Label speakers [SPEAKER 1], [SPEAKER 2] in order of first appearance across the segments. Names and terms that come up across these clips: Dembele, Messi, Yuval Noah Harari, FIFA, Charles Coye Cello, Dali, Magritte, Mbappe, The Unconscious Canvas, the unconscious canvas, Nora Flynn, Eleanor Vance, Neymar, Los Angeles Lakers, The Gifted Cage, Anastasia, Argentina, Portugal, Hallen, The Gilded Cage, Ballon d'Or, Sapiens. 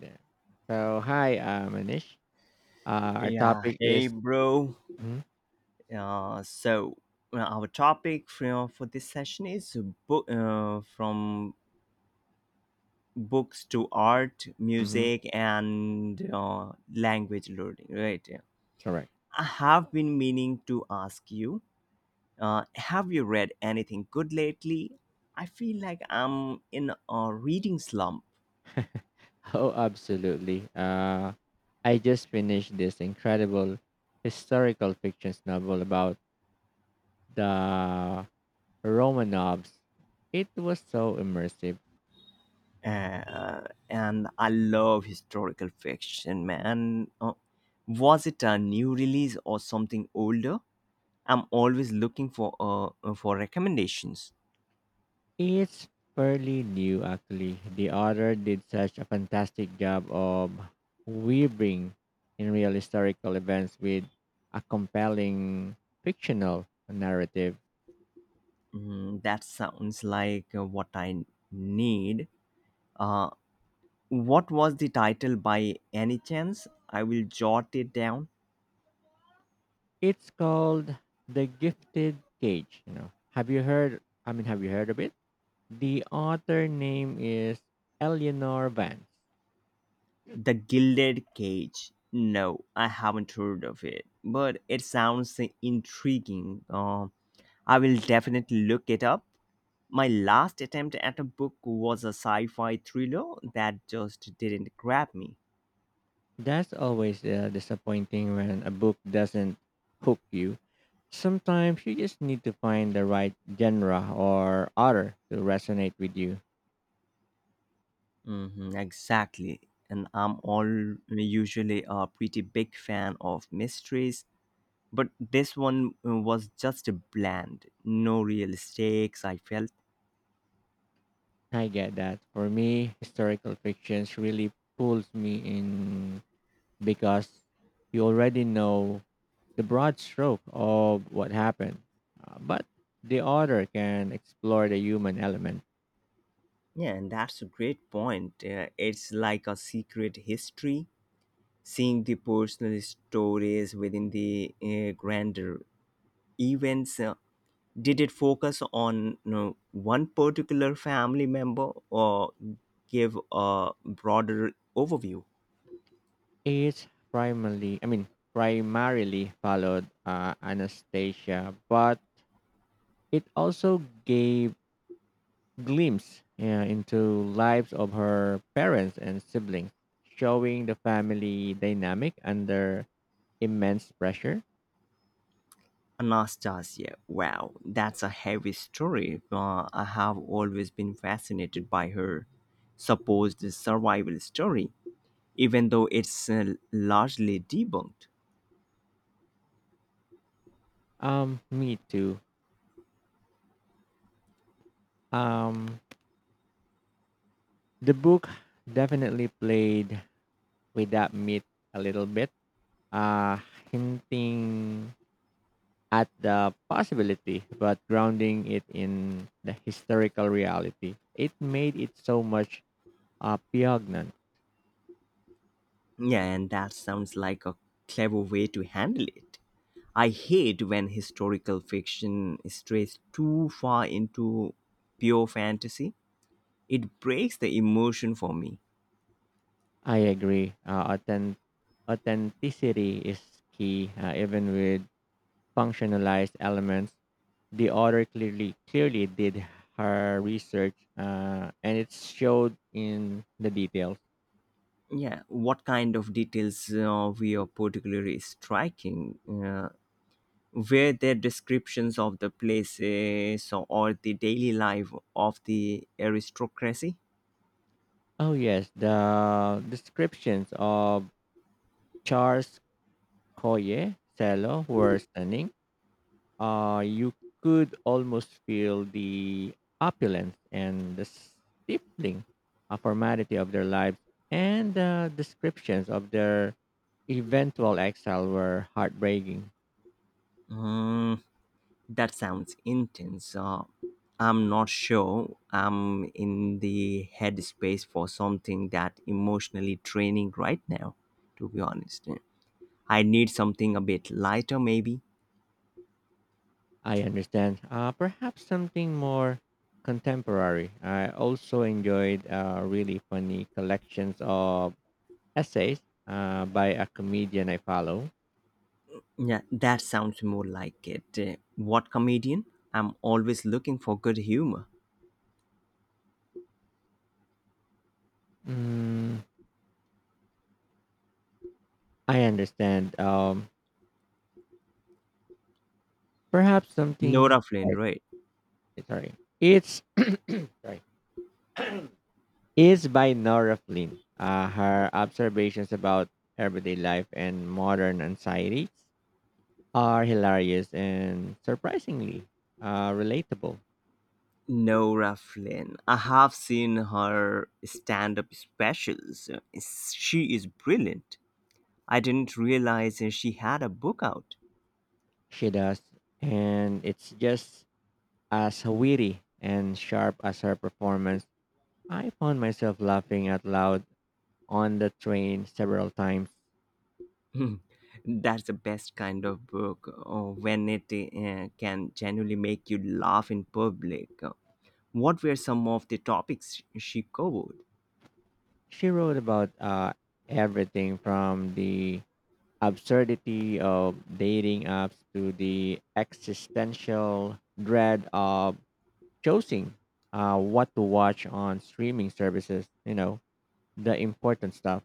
[SPEAKER 1] Yeah. So hi, Manish. Our
[SPEAKER 2] Yeah,
[SPEAKER 1] topic
[SPEAKER 2] hey
[SPEAKER 1] is
[SPEAKER 2] bro.
[SPEAKER 1] Mhm,
[SPEAKER 2] Uh, so our topic for this session is book from books to art,
[SPEAKER 1] mhm,
[SPEAKER 2] music, and language learning. Right.
[SPEAKER 1] correct.
[SPEAKER 2] I have been meaning to ask you. Have you read anything good lately? I feel like I'm in a reading slump.
[SPEAKER 1] Oh, absolutely. I just finished this incredible historical fiction novel about the Romanovs. It was so immersive.
[SPEAKER 2] Uh, and I love historical fiction, man. Was it a new release or something older? I'm always looking for recommendations.
[SPEAKER 1] It's fairly new, actually. The author did such a fantastic job of weaving in real historical events with a compelling fictional narrative.
[SPEAKER 2] Mm, that sounds like what I need. Uh, what was the title by any chance? I will jot it down.
[SPEAKER 1] It's called The Gifted Cage, Have you heard of it? The author name is Eleanor Vance.
[SPEAKER 2] The Gilded Cage. No, I haven't heard of it, but it sounds intriguing. I will definitely look it up. My last attempt at a book was a sci fi thriller that just didn't grab me.
[SPEAKER 1] That's always disappointing when a book doesn't hook you. Sometimes you just need to find the right genre or author to resonate with you.
[SPEAKER 2] Hmm, exactly. And I'm all usually a pretty big fan of mysteries, but this one was just a bland, no real stakes, I felt.
[SPEAKER 1] I get that. For me, historical fictions really pulls me in because you already know the broad stroke of what happened. But the author can explore the human element.
[SPEAKER 2] Yeah, and that's a great point. It's like a secret history, seeing the personal stories within the grander events. Did it focus on, you know, one particular family member or give a broader overview?
[SPEAKER 1] It's primarily, I mean, primarily followed Anastasia, but it also gave glimpse, yeah, into lives of her parents and siblings, showing the family dynamic under immense pressure.
[SPEAKER 2] Anastasia, wow, that's a heavy story. I have always been fascinated by her supposed survival story, even though it's largely debunked.
[SPEAKER 1] Me too. Um, the book definitely played with that myth a little bit, uh, hinting at the possibility, but grounding it in the historical reality. It made it so much poignant.
[SPEAKER 2] Yeah, and that sounds like a clever way to handle it. I hate when historical fiction strays too far into pure fantasy. It breaks the emotion for me.
[SPEAKER 1] I agree. Authenticity is key, even with functionalized elements. The author clearly did her research, and it showed in the details.
[SPEAKER 2] Yeah, what kind of details were particularly striking? Were there descriptions of the places or the daily life of the aristocracy?
[SPEAKER 1] Oh yes, the descriptions of Charles Coye Cello were stunning. You could almost feel the opulence and the stifling formality of their lives, and the descriptions of their eventual exile were heartbreaking.
[SPEAKER 2] Hmm, that sounds intense. I'm not sure I'm in the headspace for something that emotionally draining right now, to be honest. I need something a bit lighter, maybe.
[SPEAKER 1] I understand. Perhaps something more contemporary. I also enjoyed really funny collections of essays by a comedian I follow.
[SPEAKER 2] Yeah, that sounds more like it. What comedian? I'm always looking for good humor.
[SPEAKER 1] Mm, I understand. Perhaps something
[SPEAKER 2] Nora Flynn, right?
[SPEAKER 1] Sorry. It's sorry. It's by Nora Flynn. Her observations about everyday life and modern anxieties are hilarious and surprisingly relatable.
[SPEAKER 2] Nora Flynn. I have seen her stand up specials. She is brilliant. I didn't realize she had a book out.
[SPEAKER 1] She does, and it's just as witty and sharp as her performance. I found myself laughing out loud on the train several times.
[SPEAKER 2] Hmm, that's the best kind of book when it can genuinely make you laugh in public. What were some of the topics she covered?
[SPEAKER 1] She wrote about everything from the absurdity of dating apps to the existential dread of choosing what to watch on streaming services, you know, the important stuff.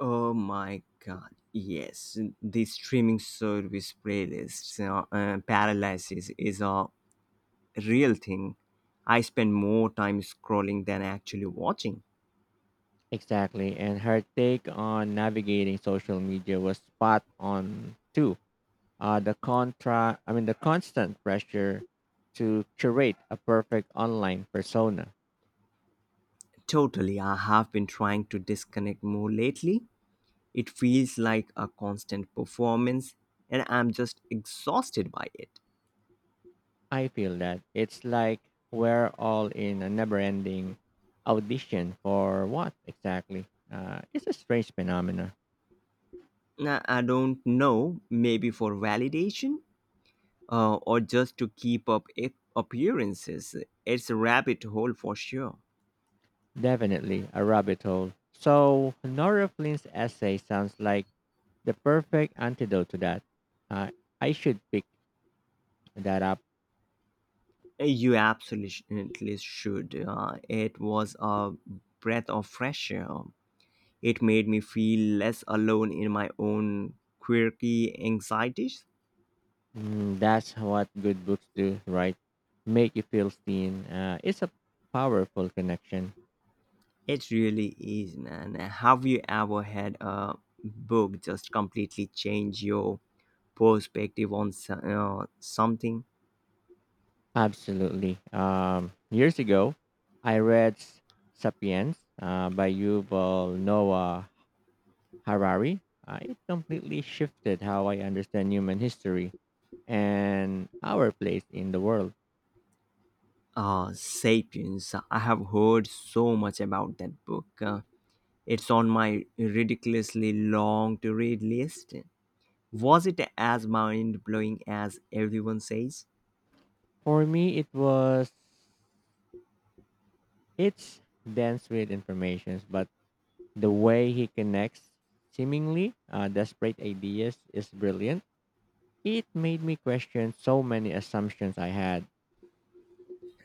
[SPEAKER 2] Oh my god, yes. The streaming service playlists paralysis is a real thing. I spend more time scrolling than actually watching.
[SPEAKER 1] Exactly. And her take on navigating social media was spot on too. The contra, I mean, the constant pressure to curate a perfect online persona.
[SPEAKER 2] Totally, I have been trying to disconnect more lately. It feels like a constant performance, and I'm just exhausted by it.
[SPEAKER 1] I feel that. It's like we're all in a never-ending audition for what exactly? It's a strange phenomena.
[SPEAKER 2] Nah, I don't know, maybe for validation or just to keep up appearances. It's a rabbit hole for sure.
[SPEAKER 1] Definitely a rabbit hole. So Nora Flynn's essay sounds like the perfect antidote to that. Uh, I should pick that up.
[SPEAKER 2] You absolutely should. It was a breath of fresh air. It made me feel less alone in my own quirky anxieties.
[SPEAKER 1] Mm, that's what good books do, right? Make you feel seen. It's a powerful connection.
[SPEAKER 2] It really is, man. Have you ever had a book just completely change your perspective on something?
[SPEAKER 1] Absolutely. Years ago, I read *Sapiens* by Yuval Noah Harari. It completely shifted how I understand human history and our place in the world.
[SPEAKER 2] Sapiens. I have heard so much about that book. It's on my ridiculously long to read list. Was it as mind blowing as everyone says?
[SPEAKER 1] For me, it was, it's dense with information, but the way he connects seemingly desperate ideas is brilliant. It made me question so many assumptions I had.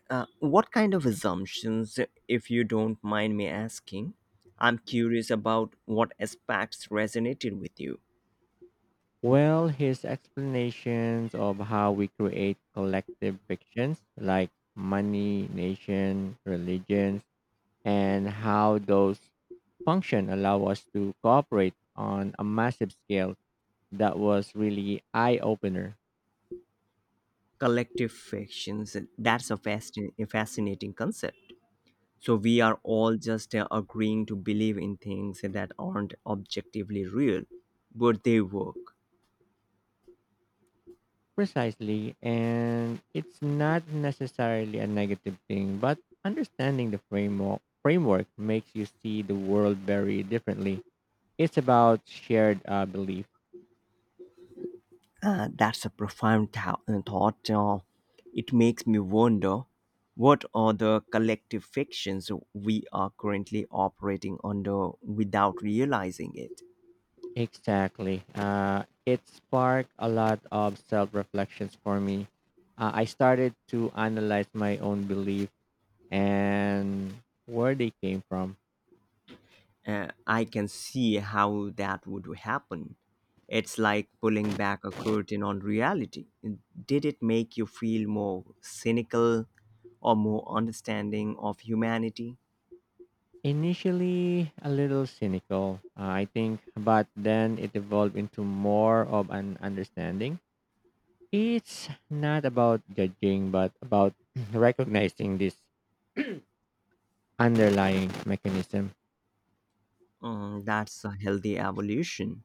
[SPEAKER 2] What kind of assumptions, if you don't mind me asking? I'm curious about what aspects resonated with you.
[SPEAKER 1] Well, his explanations of how we create collective fictions like money, nation, religions, and how those function allow us to cooperate on a massive scale, that was really eye opener.
[SPEAKER 2] Collective fictions, that's a fascinating concept. So, we are all just agreeing to believe in things that aren't objectively real, but they work.
[SPEAKER 1] Precisely, and it's not necessarily a negative thing, but understanding the framework makes you see the world very differently. It's about shared belief.
[SPEAKER 2] That's a profound thou- thought. It makes me wonder what are the collective fictions we are currently operating under without realizing it.
[SPEAKER 1] Exactly. It sparked a lot of self reflections for me. I started to analyze my own belief and where they came from.
[SPEAKER 2] I can see how that would happen. It's like pulling back a curtain on reality. Did it make you feel more cynical or more understanding of humanity?
[SPEAKER 1] Initially, a little cynical, I think, but then it evolved into more of an understanding. It's not about judging, but about recognizing this underlying mechanism.
[SPEAKER 2] Mm, that's a healthy evolution.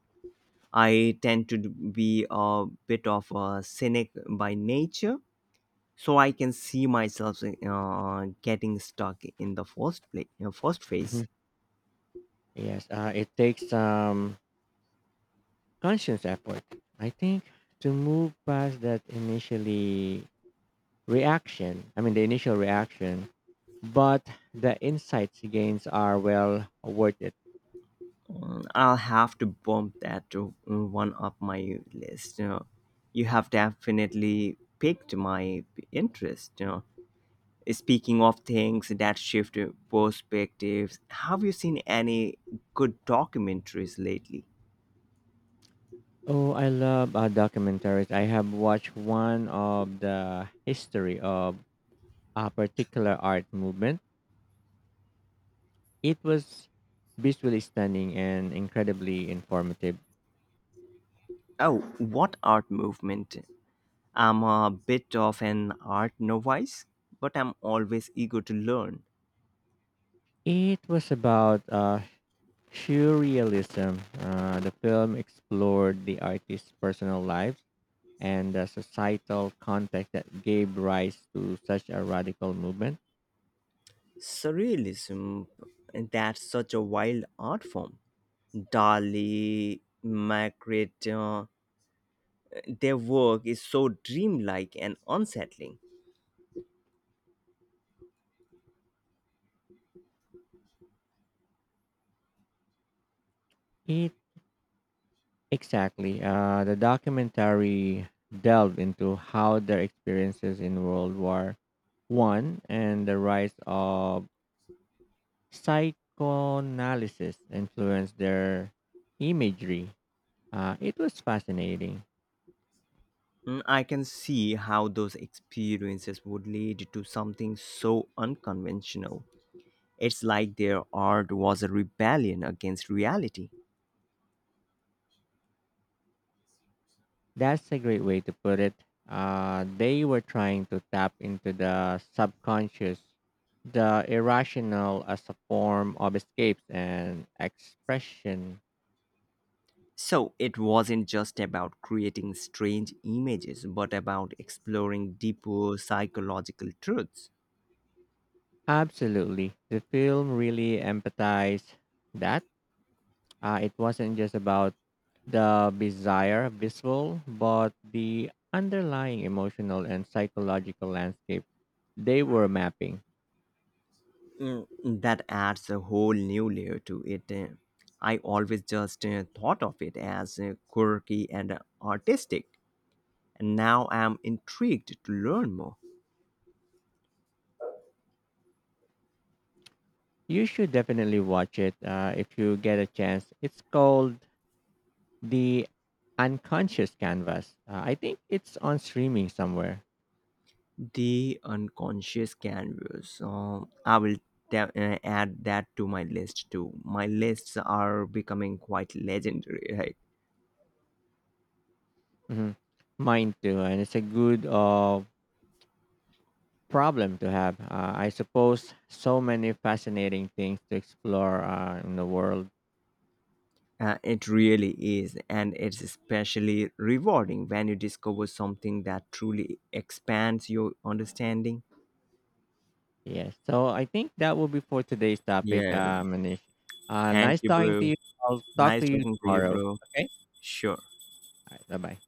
[SPEAKER 2] I tend to be a bit of a cynic by nature, so I can see myself getting stuck in the first phase.
[SPEAKER 1] Mhm. Yes, it takes some conscious effort, I think, to move past that initial reaction, but the insights gains are well worth it.
[SPEAKER 2] Mm, I'll have to bump that one up my list. You know, you have definitely piqued my interest. You know, speaking of things that shift perspectives, have you seen any good documentaries lately?
[SPEAKER 1] Oh, I love documentaries. I have watched one of the history of a particular art movement. It was visually stunning and incredibly informative.
[SPEAKER 2] Oh, what art movement? I'm a bit of an art novice, but I'm always eager to learn.
[SPEAKER 1] It was about surrealism. The film explored the artist's personal lives and the societal context that gave rise to such a radical movement.
[SPEAKER 2] Surrealism, that's such a wild art form. Dali, Magritte, their work is so dreamlike and unsettling.
[SPEAKER 1] It exactly. The documentary delved into how their experiences in World War I and the rise of psychoanalysis influenced their imagery. It was fascinating.
[SPEAKER 2] Mm, I can see how those experiences would lead to something so unconventional. It's like their art was a rebellion against reality.
[SPEAKER 1] That's a great way to put it. They were trying to tap into the subconscious, the irrational as a form of escape and expression.
[SPEAKER 2] So it wasn't just about creating strange images, but about exploring deeper psychological truths.
[SPEAKER 1] Absolutely. The film really empathized that. It wasn't just about the bizarre visual, but the underlying emotional and psychological landscape they were mapping.
[SPEAKER 2] Mm, that adds a whole new layer to it. I always just thought of it as quirky and artistic, and now I'm intrigued to learn more.
[SPEAKER 1] You should definitely watch it if you get a chance. It's called the unconscious canvas, I think it's on streaming somewhere.
[SPEAKER 2] The unconscious canvas. I will add that to my list too. My lists are becoming quite legendary, right?
[SPEAKER 1] Hmm, mine too, and it's a good problem to have, I suppose, so many fascinating things to explore in the world.
[SPEAKER 2] It really is, and it's especially rewarding when you discover something that truly expands your understanding.
[SPEAKER 1] Yes, so I think that will be for today's topic,
[SPEAKER 2] Yeah,
[SPEAKER 1] Manish.
[SPEAKER 2] thank
[SPEAKER 1] Nice
[SPEAKER 2] you,
[SPEAKER 1] talking to
[SPEAKER 2] bro.
[SPEAKER 1] you. I'll talk
[SPEAKER 2] Nice
[SPEAKER 1] to you
[SPEAKER 2] talking to you,
[SPEAKER 1] tomorrow.
[SPEAKER 2] bro.
[SPEAKER 1] Okay,
[SPEAKER 2] Sure.
[SPEAKER 1] all right, bye-bye.